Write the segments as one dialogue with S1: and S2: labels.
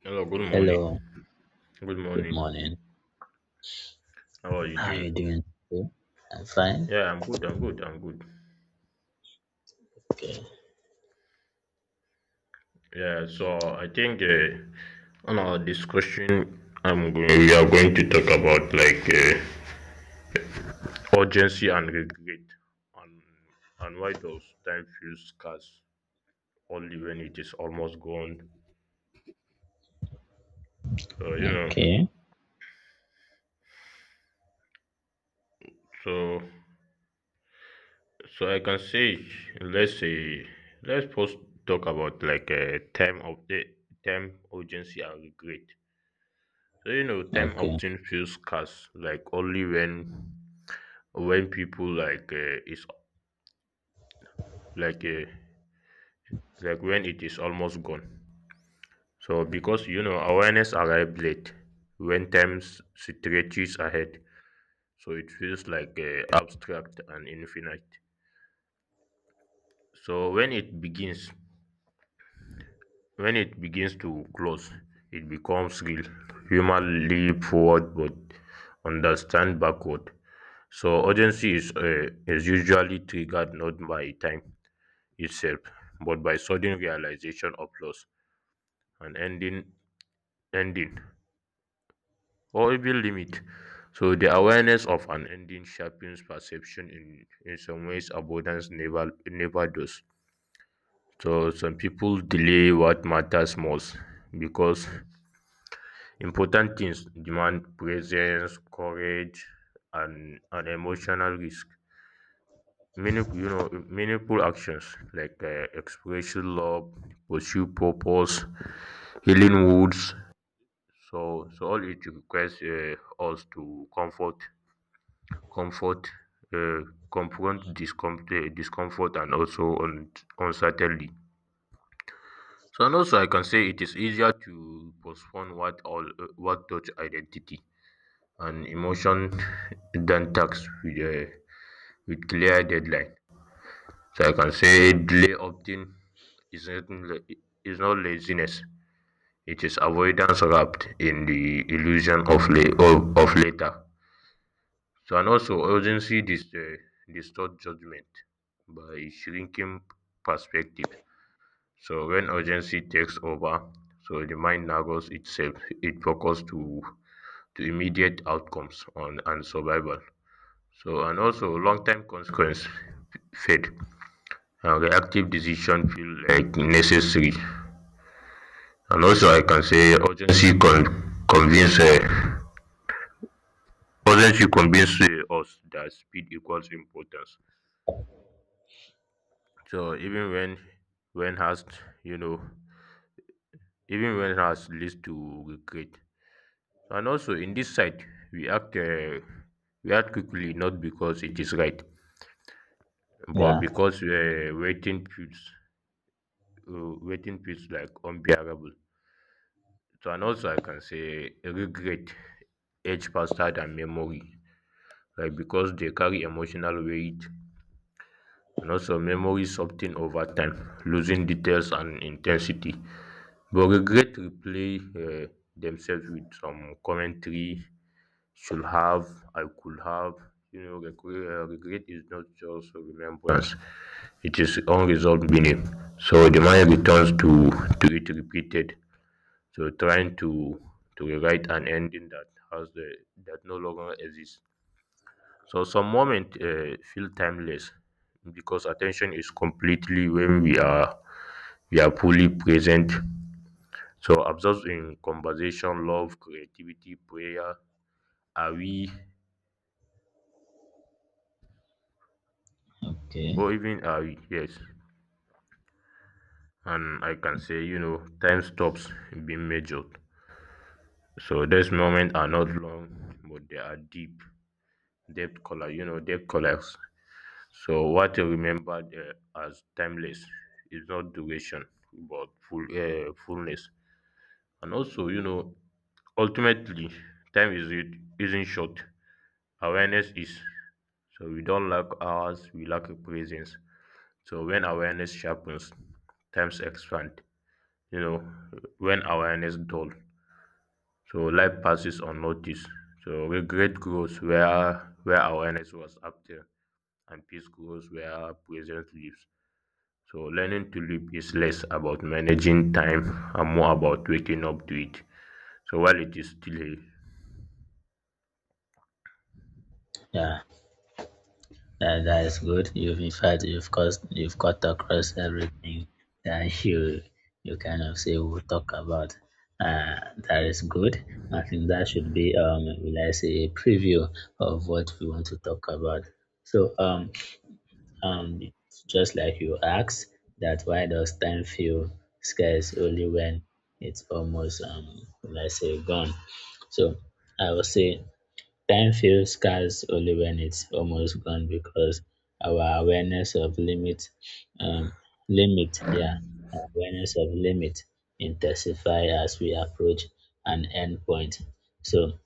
S1: Hello, good morning.
S2: Hello,
S1: Good
S2: good
S1: morning.
S2: morning.
S1: How are you
S2: How are you
S1: doing?
S2: doing today? I'm fine.
S1: Yeah, I'm good. I'm good. I'm good. Yeah, so I think on our discussion, we are going to talk about urgency and regret, and why does time feel scarce only when it is almost gone? So you know,
S2: Okay,
S1: so so I can say, let's say, let's first talk about like time of the time urgency and regret. So you know, time
S2: okay,
S1: often feels scarce, only when people like uh, like when it is almost gone. So because you know awareness arrived late, when time stretches ahead, so it feels abstract and infinite. So when it begins, when it begins to close, it becomes real. Human leap forward, but understand backward. So urgency is usually triggered not by time itself, but by sudden realization of loss, an ending, or even limit. So the awareness of an ending sharpens perception in some ways abundance never does. So some people delay what matters most because important things demand presence, courage, and an emotional risk. Many you know meaningful actions expressing love, pursue purpose, healing wounds, so all it requires us to comfort comfort uh, confront discomfort and also uncertainty. So and also I can say it is easier to postpone what touch identity and emotion than tax with clear deadline. So I can say delay often is not la- is not laziness. It is avoidance wrapped in the illusion of of later. So and also urgency distorts judgment by shrinking perspectives. So when urgency takes over, so the mind narrows itself. It focuses to immediate outcomes on and survival. So and also long term consequence fade and reactive decision feel like necessary. And also, I can say urgency convince us that speed equals importance. So even when has you know even when has leads to regret. And also in this side, we act uh, we act quickly not because it is right, but
S2: yeah,
S1: because waiting feels like unbearable. So and also I can say regret age faster than memory like because they carry emotional weight, and also memory soften over time, losing details and intensity. But regret replay uh, themselves with some commentary: should have, I could have. You know, regret is not just a remembrance; it is unresolved meaning. So the mind returns to it repeated. So trying to rewrite an ending that has the that no longer exists. So some moments feel timeless because attention is completely when we are fully present. So absorbed in conversation, love, creativity, prayer, are we
S2: okay,
S1: or even are we? Yes. And I can say, you know, time stops being measured. So these moments are not long, but they are deep. Depth color, you know, depth colors. So what I remembered as timeless is not duration, but fullness. And also, you know, ultimately, time is it isn't short. Awareness is. So we don't lack hours, we lack a presence. So when awareness sharpens, times expand. You know, when awareness dull, so life passes unnoticed. So regret grows where awareness was active, and peace grows where presence lives. So learning to live is less about managing time and more about waking up to it. So while it is still a
S2: yeah. That is good. You've in fact you've caused you've got across everything that you kind of say we'll talk about. Uh, that is good. I think that should be will I say a preview of what we want to talk about. So it's just like you asked, that why does time feel scarce only when it's almost, let's say, gone? So I would say time feels scarce only when it's almost gone because our awareness of limit, um, limit, yeah, awareness of limit intensify as we approach an end point. So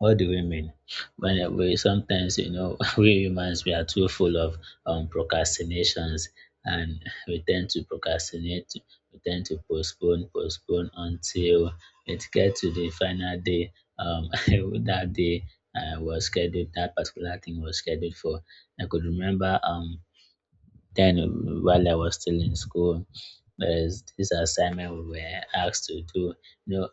S2: what do we mean? When we sometimes, you know, we humans we are too full of procrastinations, and we tend to procrastinate. We tend to postpone until it gets to the final day. Um, that day was scheduled. That particular thing was scheduled for. I could remember then, while I was still in school, there's this assignment we were asked to do. You know,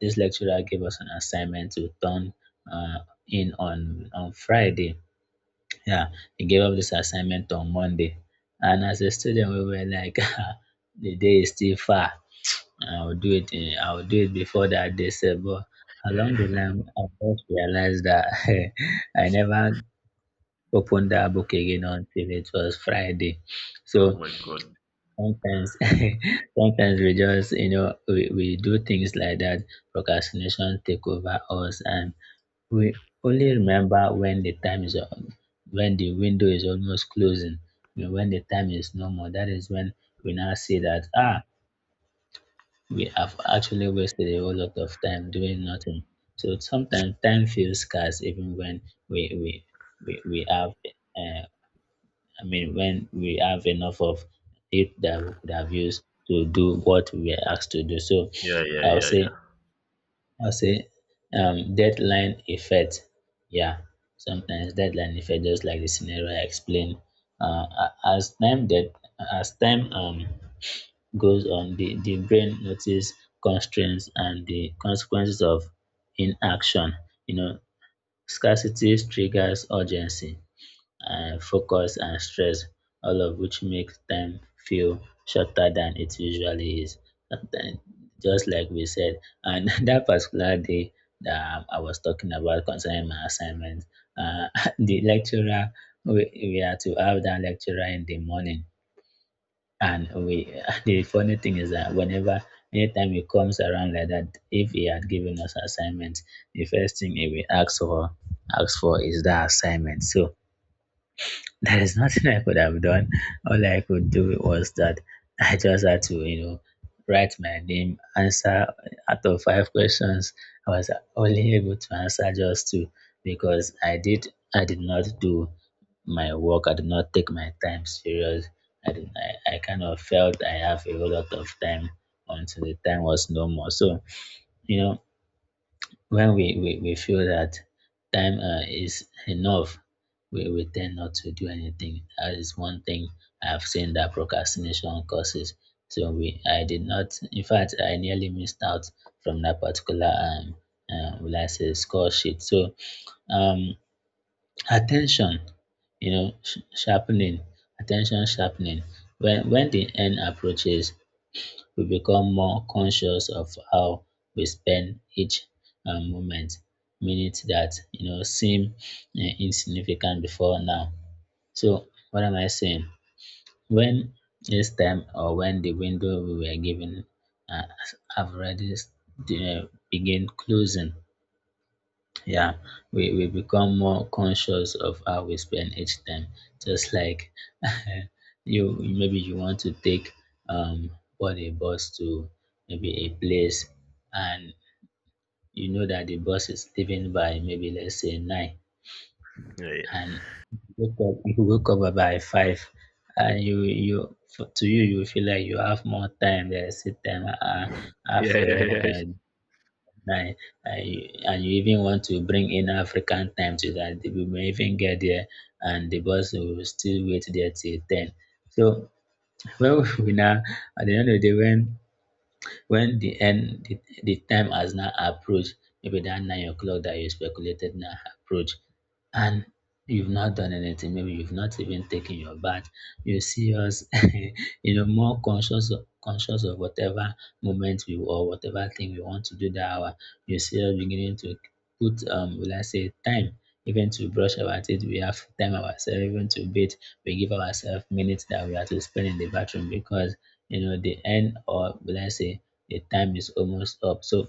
S2: this lecturer gave us an assignment to turn uh, in on Friday. Yeah, he gave up this assignment on Monday, and as a student, we were like, "Ah, the day is still far. I'll do it before that day, sef," but
S1: yeah,
S2: along the
S1: yeah.
S2: line, I just realized that I never opened that book again until it was Friday.
S1: Oh
S2: So
S1: my god.
S2: sometimes, sometimes we just, you know, we do things like that. Procrastination take over us, and we only remember when the time is on, when the window is almost closing. You know, when the time is no more, that is when we now see that ah, we have actually wasted a whole lot of time doing nothing. So sometimes time feels scarce, even when we we we have uh, I mean, when we have enough of it that we could have used to do what we were asked to do. So
S1: Yeah, yeah,
S2: I'll
S1: yeah, yeah.
S2: say, I'll say, deadline effect. Yeah, sometimes deadline effect, just like the scenario I explained. Uh, a- as time that as time goes on, the brain notice constraints and the consequences of inaction. You know, scarcity triggers urgency focus and stress, all of which makes time feel shorter than it usually is. Sometimes, just like we said, and that particular day that I was talking about concerning my assignment, uh, the lecturer, we had to have that lecturer in the morning. And we, the funny thing is that whenever, anytime he comes around like that, if he had given us assignment, the first thing he will ask for is that assignment. So there is nothing I could have done. All I could do was that I just had to, you know, write my name, answer out of five questions. I was only able to answer just two because I did not do my work. I did not take my time serious. I kind of felt I have a whole lot of time until the time was no more. So, you know, when we feel that time is enough, we tend not to do anything. That is one thing I've seen that procrastination causes. So I did not. In fact, I nearly missed out from that particular will I say score sheet. So um, attention, you know, sharpening, attention sharpening. When the end approaches, we become more conscious of how we spend each moment, minutes that you know seem insignificant before now. So what am I saying? When this time or when the window we were given uh, have already begin closing, yeah, we become more conscious of how we spend each time. Just like you, maybe you want to take um board a bus to maybe a place, and you know that the bus is leaving by maybe let's say nine,
S1: Yeah, yeah,
S2: and you wake up by five, and you feel like you have more time. There's a time
S1: yeah,
S2: after
S1: yeah, yeah.
S2: uh, I, and you even want to bring in African time to that we may even get there and the bus will still wait there till 10. So when we we now, at the end of the day, when the end the time has now approached maybe that 9 o'clock that you speculated now approach and you've not done anything, maybe you've not even taken your bath. You see us you know, more conscious of whatever moment we or whatever thing we want to do that hour. You see us beginning to put will I say time, even to brush our teeth, we have time ourselves even to bathe. We give ourselves minutes that we have to spend in the bathroom because you know the end, or will I say the time is almost up. So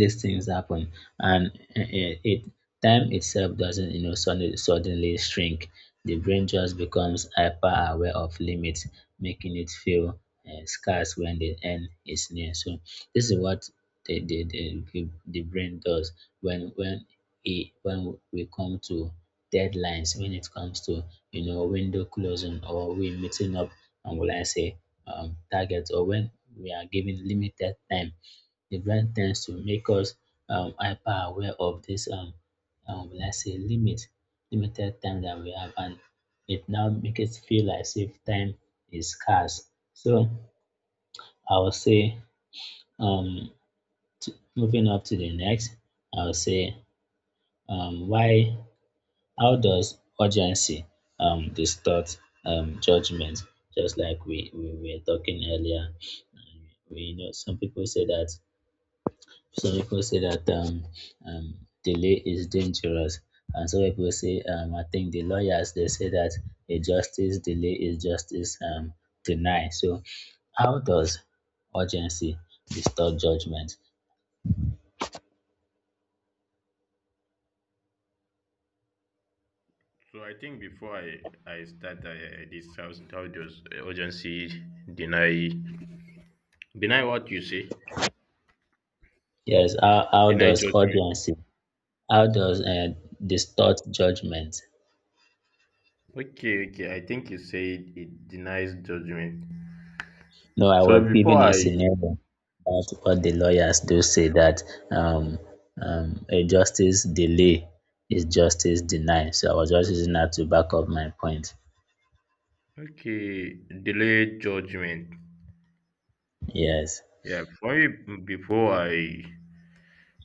S2: these things happen, and it time itself doesn't, you know, suddenly shrink. The brain just becomes hyper aware of limits, making it feel scarce when the end is near. So this is what the the brain does when it when we come to deadlines, when it comes to, you know, window closing or we meeting up and will I say targets, or when we are given limited time, the brain tends to make us hyper aware of this let's say limited time that we have, and it now makes it feel as if time is scarce. So I will say um moving up to the next, I will say why, how does urgency distort judgment. Just like we were talking earlier, we know some people say that some people say that um, um, delay is dangerous, and some people say, I think the lawyers, they say that a justice delay is justice denied. So, how does urgency distort judgment?
S1: So I think before I start, this how does urgency deny deny what you say
S2: Yes, how
S1: deny
S2: does
S1: judgment.
S2: urgency, how does distort judgment?
S1: Okay, okay. I think you said it denies judgment.
S2: No, I
S1: So
S2: was
S1: before
S2: given a
S1: I
S2: scenario about what the lawyers do say that um, a justice delay is justice denied. So I was just using that to back up my point.
S1: okay delay judgment.
S2: Yes,
S1: Yeah, for me before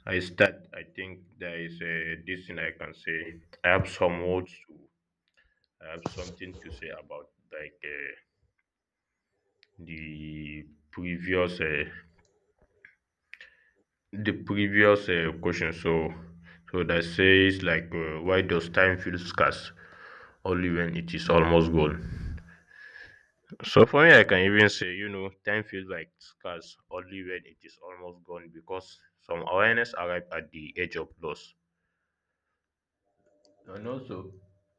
S1: I start, I think there is a this thing I can say. I have some words to I have something to say about the previous uh, the previous question. So so that says why does time feel scarce only when it is almost gone? So for me, I can even say you know time feels like scarce only when it is almost gone because some awareness arrive at the edge of loss. And also,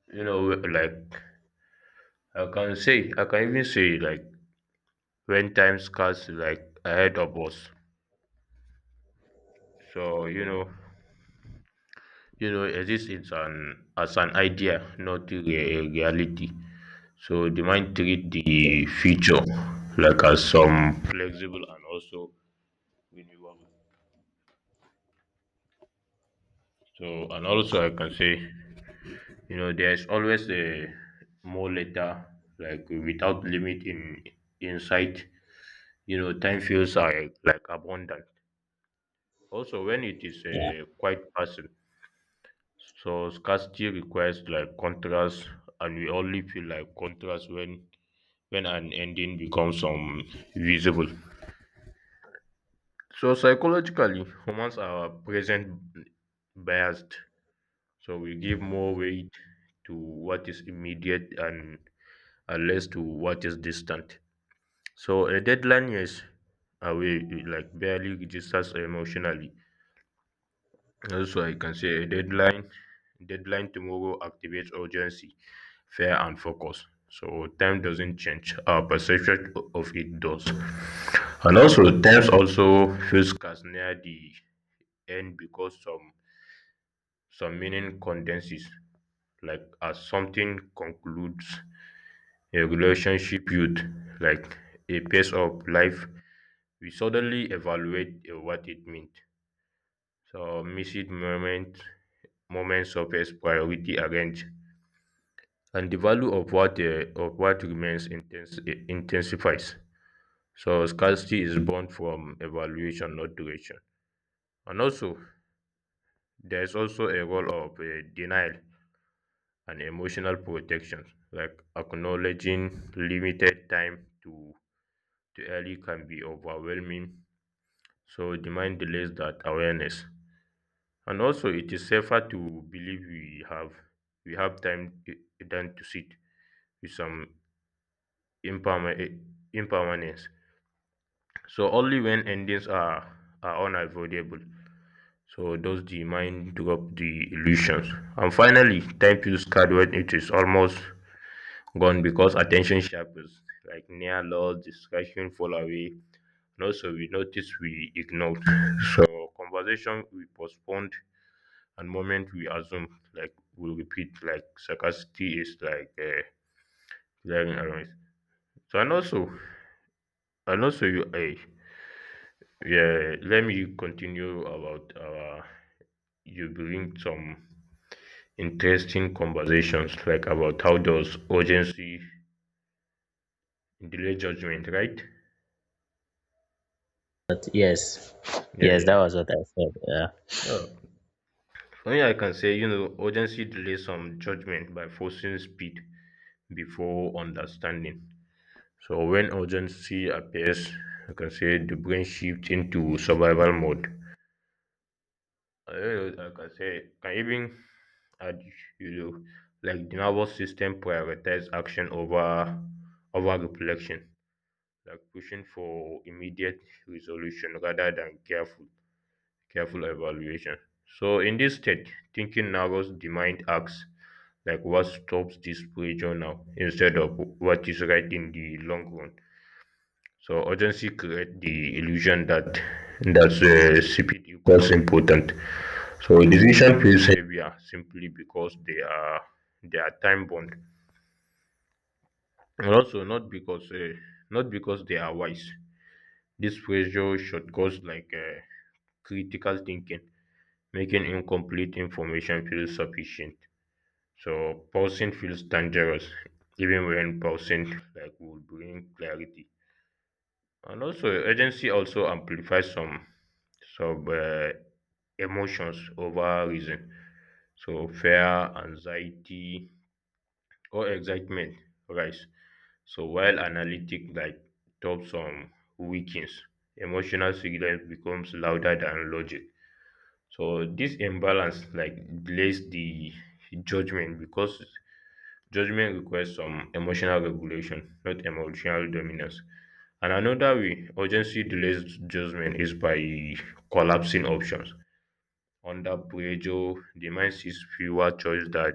S1: you know, like I can say, I can even say like when time scarce like ahead of us. So you know exist is an as an idea, not a reality. So the mind treat the future like as some flexible and also renewable. So and also I can say, you know, there's always a more later, like without limit in insight. You know, time feels like abundant. Also, when it is
S2: yeah,
S1: a quiet person, so scarcity requires like contrast, and we only feel like contrast when an ending becomes visible. So psychologically, humans are present biased. So we give more weight to what is immediate and less to what is distant. So a deadline is away, like barely registers emotionally. Also, I can say a deadline tomorrow activates urgency, fear, and focus. So time doesn't change. Our perception of it does. And also, times also feels scarce near the end because some meaning condenses, like as something concludes, a relationship, youth, like a pace of life. We suddenly evaluate what it meant. So missed moments surface, priority arrange, and the value of what remains intensifies. So scarcity is born from evaluation, not duration. And also, there is also a role of denial and emotional protection, like acknowledging limited time to early can be overwhelming, so the mind delays that awareness. And also, it is safer to believe we have time than to sit with some imperma- eh, impermanence. So only when endings are unavoidable. So does the mind drop the illusions? And finally, time feels scared when it is almost gone because attention sharpens, like near loss, distraction fall away, and also we notice we ignored. So conversation we postponed and moment we assume like we repeat like sarcasticity is glaring around. So and also you yeah, let me continue about you bring some interesting conversations like about how does urgency delay judgment, right?
S2: but yes,
S1: Yeah,
S2: yes, that
S1: yeah.
S2: was what I said. Yeah,
S1: Sure. Only I can say, you know, urgency delays some judgment by forcing speed before understanding. So when urgency appears, I can say the brain shifts into survival mode. I don't know, I can say, can even add, you know, like the nervous system prioritizes action over reflection, like pushing for immediate resolution rather than careful evaluation. So in this state, thinking narrows the mind acts like what stops this pressure now instead of what is right in the long run. So urgency creates the illusion that speed equals important. So decision feels heavier simply because they are time bound, and also not because they are wise. This pressure should cause critical thinking, making incomplete information feel sufficient. So pausing feels dangerous, even when pausing like will bring clarity. And also, agency also amplifies some emotions over reason. So fear, anxiety, or excitement rise. So while analytic like tops some weakens, emotional signal becomes louder than logic. So this imbalance like delays the judgment because judgment requires some emotional regulation, not emotional dominance. And another way urgency delays judgment is by collapsing options. Under pressure, the mind sees fewer choices that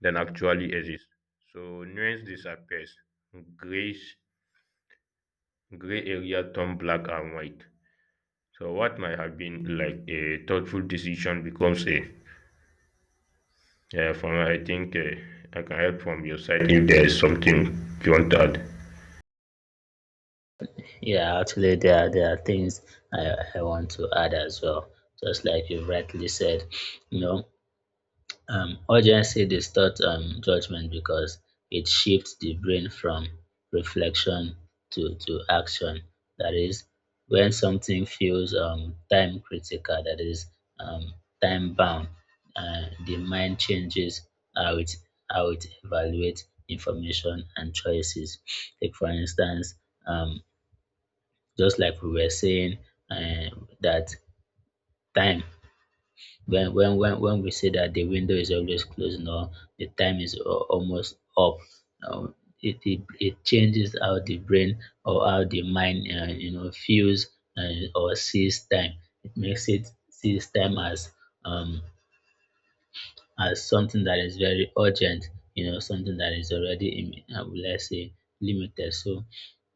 S1: than actually exist. So nuance disappears. Grace gray area turn black and white. So what might have been like a thoughtful decision becomes a yeah, from I can help from your side if there is something you want to add.
S2: yeah. Actually, there are things I want to add as well. Just like you rightly said, you know, urgency distorts judgment because it shifts the brain from reflection to action. That is when something feels time critical, that is um time bound, the mind changes how it how it evaluates information and choices, like for instance um just like we were saying uh, that time when we say that the window is always closed, no, the time is almost up. um, it, it changes how the brain or how the mind, you know, feels or sees time. It makes it sees time um as something that is very urgent, you know, something that is already in, let's say limited. So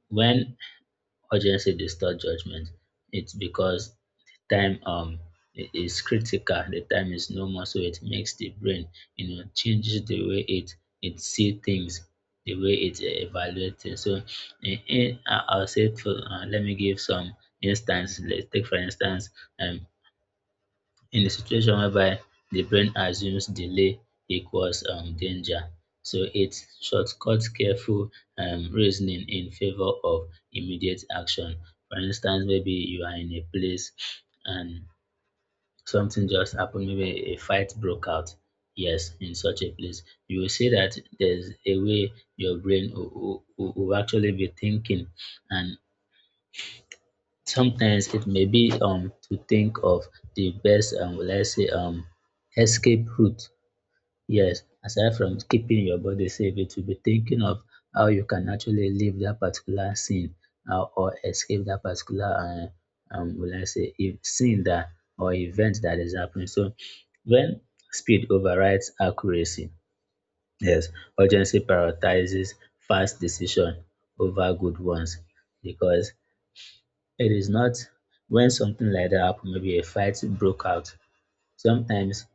S2: when urgency distorts judgment, it's because the time is critical, the time is no more, so it makes the brain, you know, changes the way it see things, the way it evaluates things. So, I'll say, for, let me give some instance. Let's take for instance, um, in the situation whereby the brain assumes delay equals danger. So it shortcuts careful reasoning in favor of immediate action. For instance, maybe you are in a place and something just happened, maybe a fight broke out. Yes, in such a place, you will see that there's a way your brain will, will actually be thinking, and sometimes it may be to think of the best let's say escape route. Yes, aside from keeping your body safe, it will be thinking of how you can actually leave that particular scene, or escape that particular will I say if scene that or event that is happening. So when speed overrides accuracy, yes, urgency prioritizes fast decision over good ones, because it is not, when something like that happen, maybe a fight broke out. Sometimes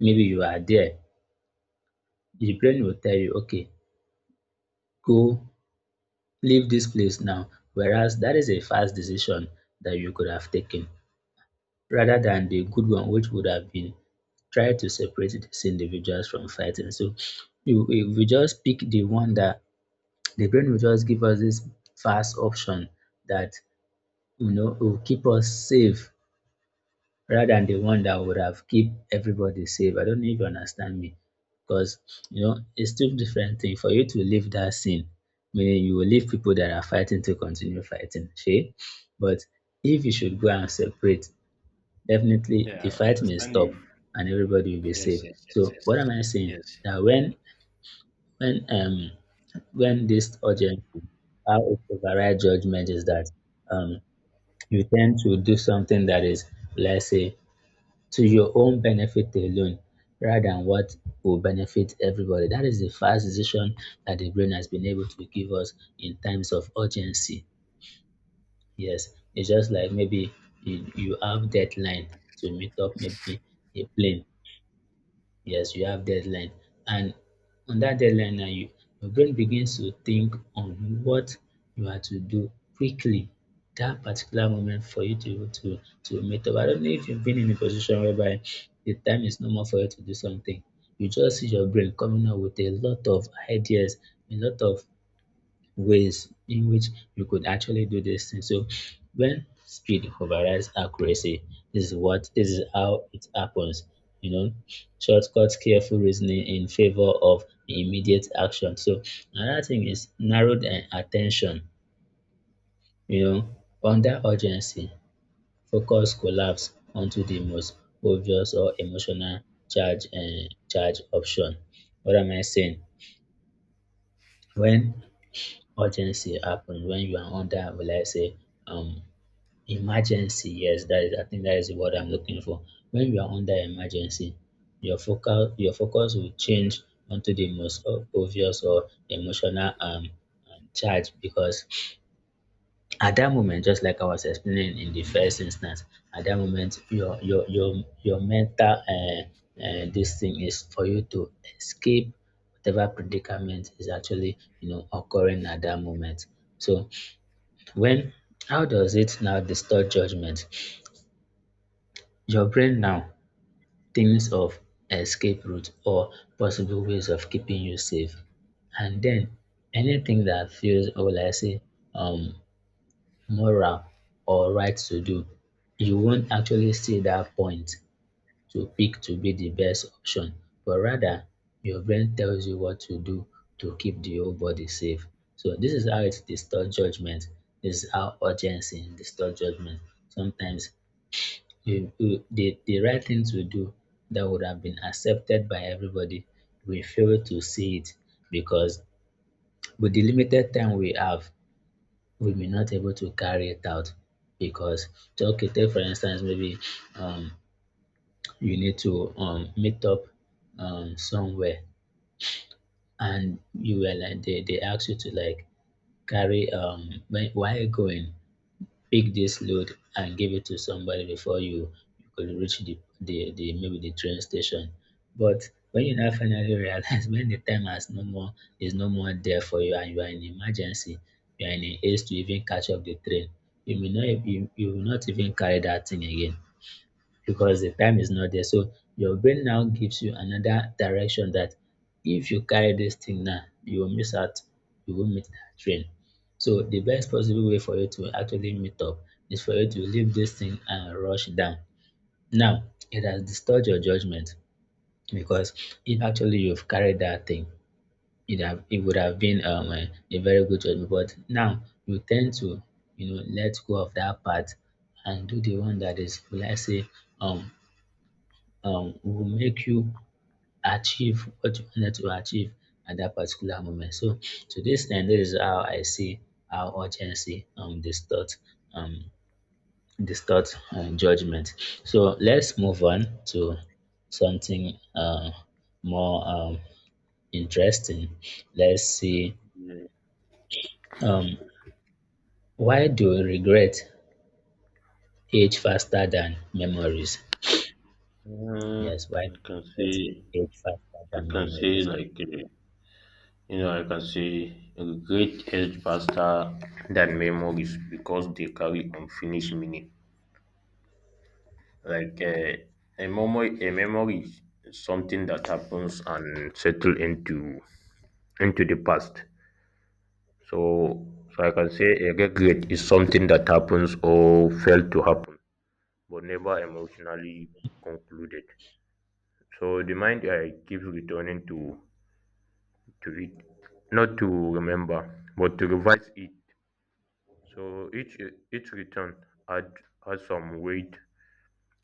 S2: maybe you are there, the brain will tell you, okay, go, leave this place now. Whereas that is a fast decision that you could have taken rather than the good one, which would have been try to separate these individuals from fighting. So you, if we just pick the one that the brain will just give us this fast option that you know will keep us safe rather than the one that would have keep everybody safe. I don't know if you understand me. Because you know, it's two different thing. For you to leave that scene, meaning you will leave people that are fighting to continue fighting. See? But if you should go and separate, definitely the
S1: Yeah, I
S2: fight may
S1: understand
S2: stop
S1: you.
S2: and everybody will be
S1: Yes,
S2: safe.
S1: yes, yes,
S2: So
S1: yes,
S2: what am I saying?
S1: yes.
S2: That when um when this urgency how it override judgment is that um you tend to do something that is, let's say, to your own benefit alone rather than what will benefit everybody. That is the fast decision that the brain has been able to give us in times of urgency. Yes, it's just like maybe you have deadline to meet up, maybe a plane. Yes, you have deadline. And on that deadline now your brain begins to think on what you are to do quickly that particular moment for you to meet up. I don't know if you've been in a position whereby the time is no more for you to do something. You just see your brain coming up with a lot of ideas, a lot of ways in which you could actually do this thing. So when speed overrides accuracy, this is how it happens. You know, shortcuts, careful reasoning in favor of immediate action. So another thing is narrowed attention, you know, under urgency, focus collapse onto the most obvious or emotional charge option. What am I saying? When urgency happens, when you are under, will I say, um, emergency, yes, that is, I think that is the word I'm looking for. When you are under emergency, your focus will change onto the most obvious or emotional, charge, because at that moment, just like I was explaining in the first instance, at that moment your mental this thing is for you to escape whatever predicament is actually, you know, occurring at that moment. So when, how does it now distort judgment? Your brain now thinks of escape routes or possible ways of keeping you safe. And then anything that feels, or will I say, um, moral or right to do, you won't actually see that point to pick to be the best option, but rather your brain tells you what to do to keep the whole body safe. So this is how it distorts judgment. This is how urgency distorts judgment. Sometimes the right thing to do that would have been accepted by everybody, we fail to see it because with the limited time we have, we may not able to carry it out because, so, okay, take for instance, maybe um you need to meet up somewhere, and you were like they ask you to, like, carry, um, where are you going, pick this load and give it to somebody before you could reach the, maybe, the train station. But when you now finally realize when the time has no more is no more there for you and you are in emergency, you are in a haste to even catch up the train, you, you will not even carry that thing again because the time is not there. So your brain now gives you another direction that if you carry this thing now, you will miss out, you will meet that train. So the best possible way for you to actually meet up is for you to leave this thing and rush down. Now, it has disturbed your judgment because if actually you've carried that thing, it would have been, a very good judgment. But now you tend to, you know, let go of that part and do the one that is, will I say, um will make you achieve what you wanted to achieve at that particular moment. So to this end, this is how I see how urgency distort, um distort, judgment. So let's move on to something more, interesting. Let's see,
S1: Mm,
S2: um why do regret age faster than memories?
S1: mm,
S2: Yes, why
S1: I
S2: do
S1: can see.
S2: regret age faster
S1: I
S2: than
S1: can see,
S2: memories?
S1: like, you know, I can say, regret aged faster than memories because they carry unfinished meaning. Like a memory is something that happens and settle into the past. So, so I can say a regret is something that happens or failed to happen, but never emotionally concluded. So the mind keeps returning to it, not to remember, but to revise it. So each return add adds some weight,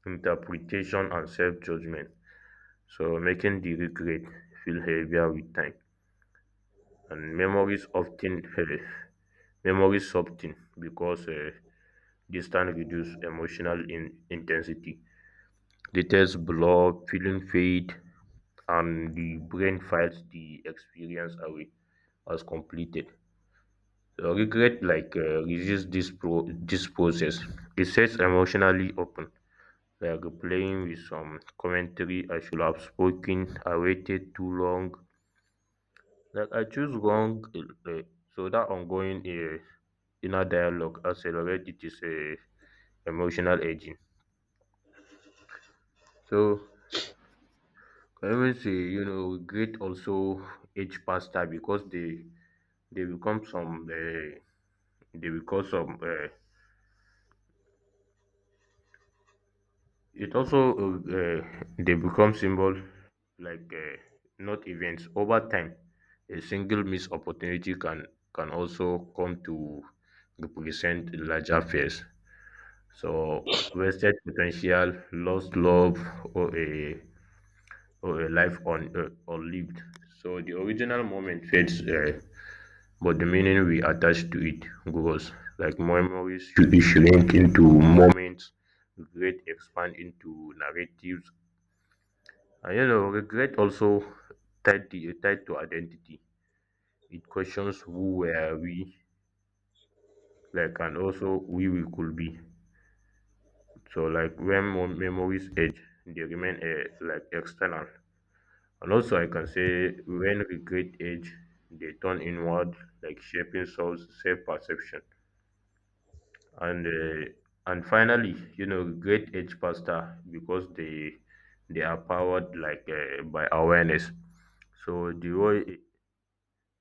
S1: interpretation, and self judgment. So making the regret feel heavier with time, and memories soften because distance reduce emotional in, intensity. Details blur, feeling fade, and the brain files the experience away as completed. Regret like resists this pro this process, it sets emotionally open, like replying with some commentary: I should have spoken, I waited too long, like I choose wrong so that ongoing inner dialogue accelerate it is a emotional aging. So I even say you know regret also age faster because they become some uh, they become some it also they become symbol like uh, not events over time. A single missed opportunity can also come to represent larger fears. So wasted potential, lost love, or a or a life on or lived. So the original moment fades, but the meaning we attach to it grows. Like memories should be shrink into moments, great expand into narratives, and you know, regret also tied to identity. It questions who were we, like, and also who we could be. So, like, when memories age, they remain like external. And also, I can say when regret age, they turn inward, like shaping soul's self-perception. And uh, and finally, you know, regret age faster because they are powered by awareness. So the role,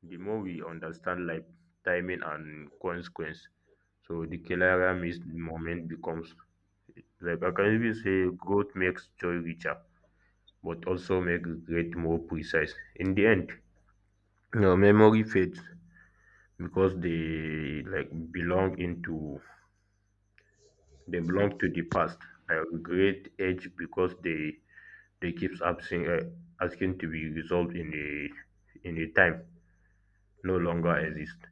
S1: the more we understand life, timing, and consequence, so the clearer missed moment becomes. Like I can even say, growth makes joy richer, but also make regret more precise. In the end, your memory fades because they like belong into they belong to the past. Like regret age because they keeps asking to be resolved in a time no longer exists.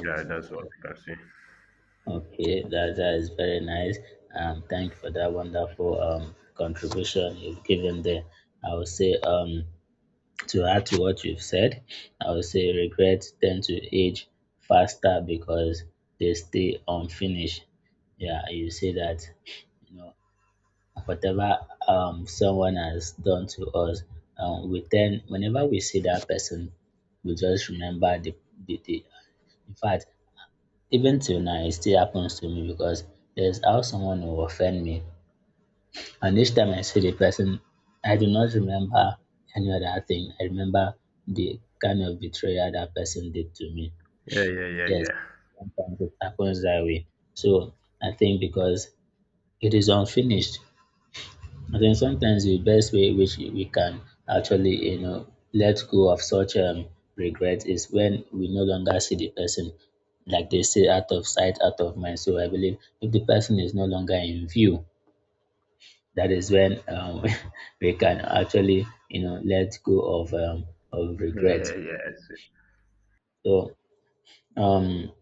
S1: Yeah, that's all I can say.
S2: Okay, that is very nice. Thank you for that wonderful, contribution you've given there. I would say, to add to what you've said, I would say regrets tend to age faster because they stay unfinished. Yeah, you see that, you know, whatever, someone has done to us, we tend, whenever we see that person, we just remember the in fact, even till now, it still happens to me because there's how someone will offend me. And each time I see the person, I do not remember any other thing. I remember the kind of betrayal that person did to me.
S1: Yeah, yeah, yeah,
S2: Yes,
S1: yeah.
S2: sometimes it happens that way. So I think because it is unfinished, I think sometimes the best way which we can actually, you know, let go of such, regret is when we no longer see the person. Like they say, out of sight, out of mind. So I believe if the person is no longer in view, that is when, we can actually, you know, let go of, of
S1: Yeah,
S2: regret.
S1: yeah, yes.
S2: So, um,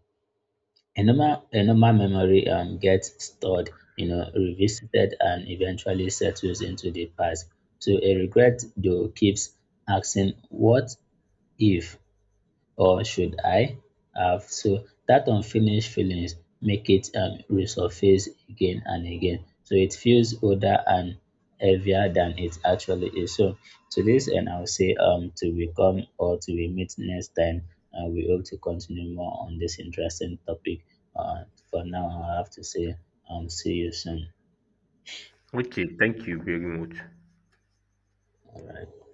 S2: in normal memory, gets stored, you know, revisited and eventually settles into the past. So a regret though keeps asking what if or should I have? So that unfinished feelings make it, resurface again and again. So it feels older and heavier than it actually is. So to this end, I'll say, to become, or to, we meet next time. We hope to continue more on this interesting topic. Uh, for now, I have to say, see you soon.
S1: Okay, thank you very much.
S2: Right.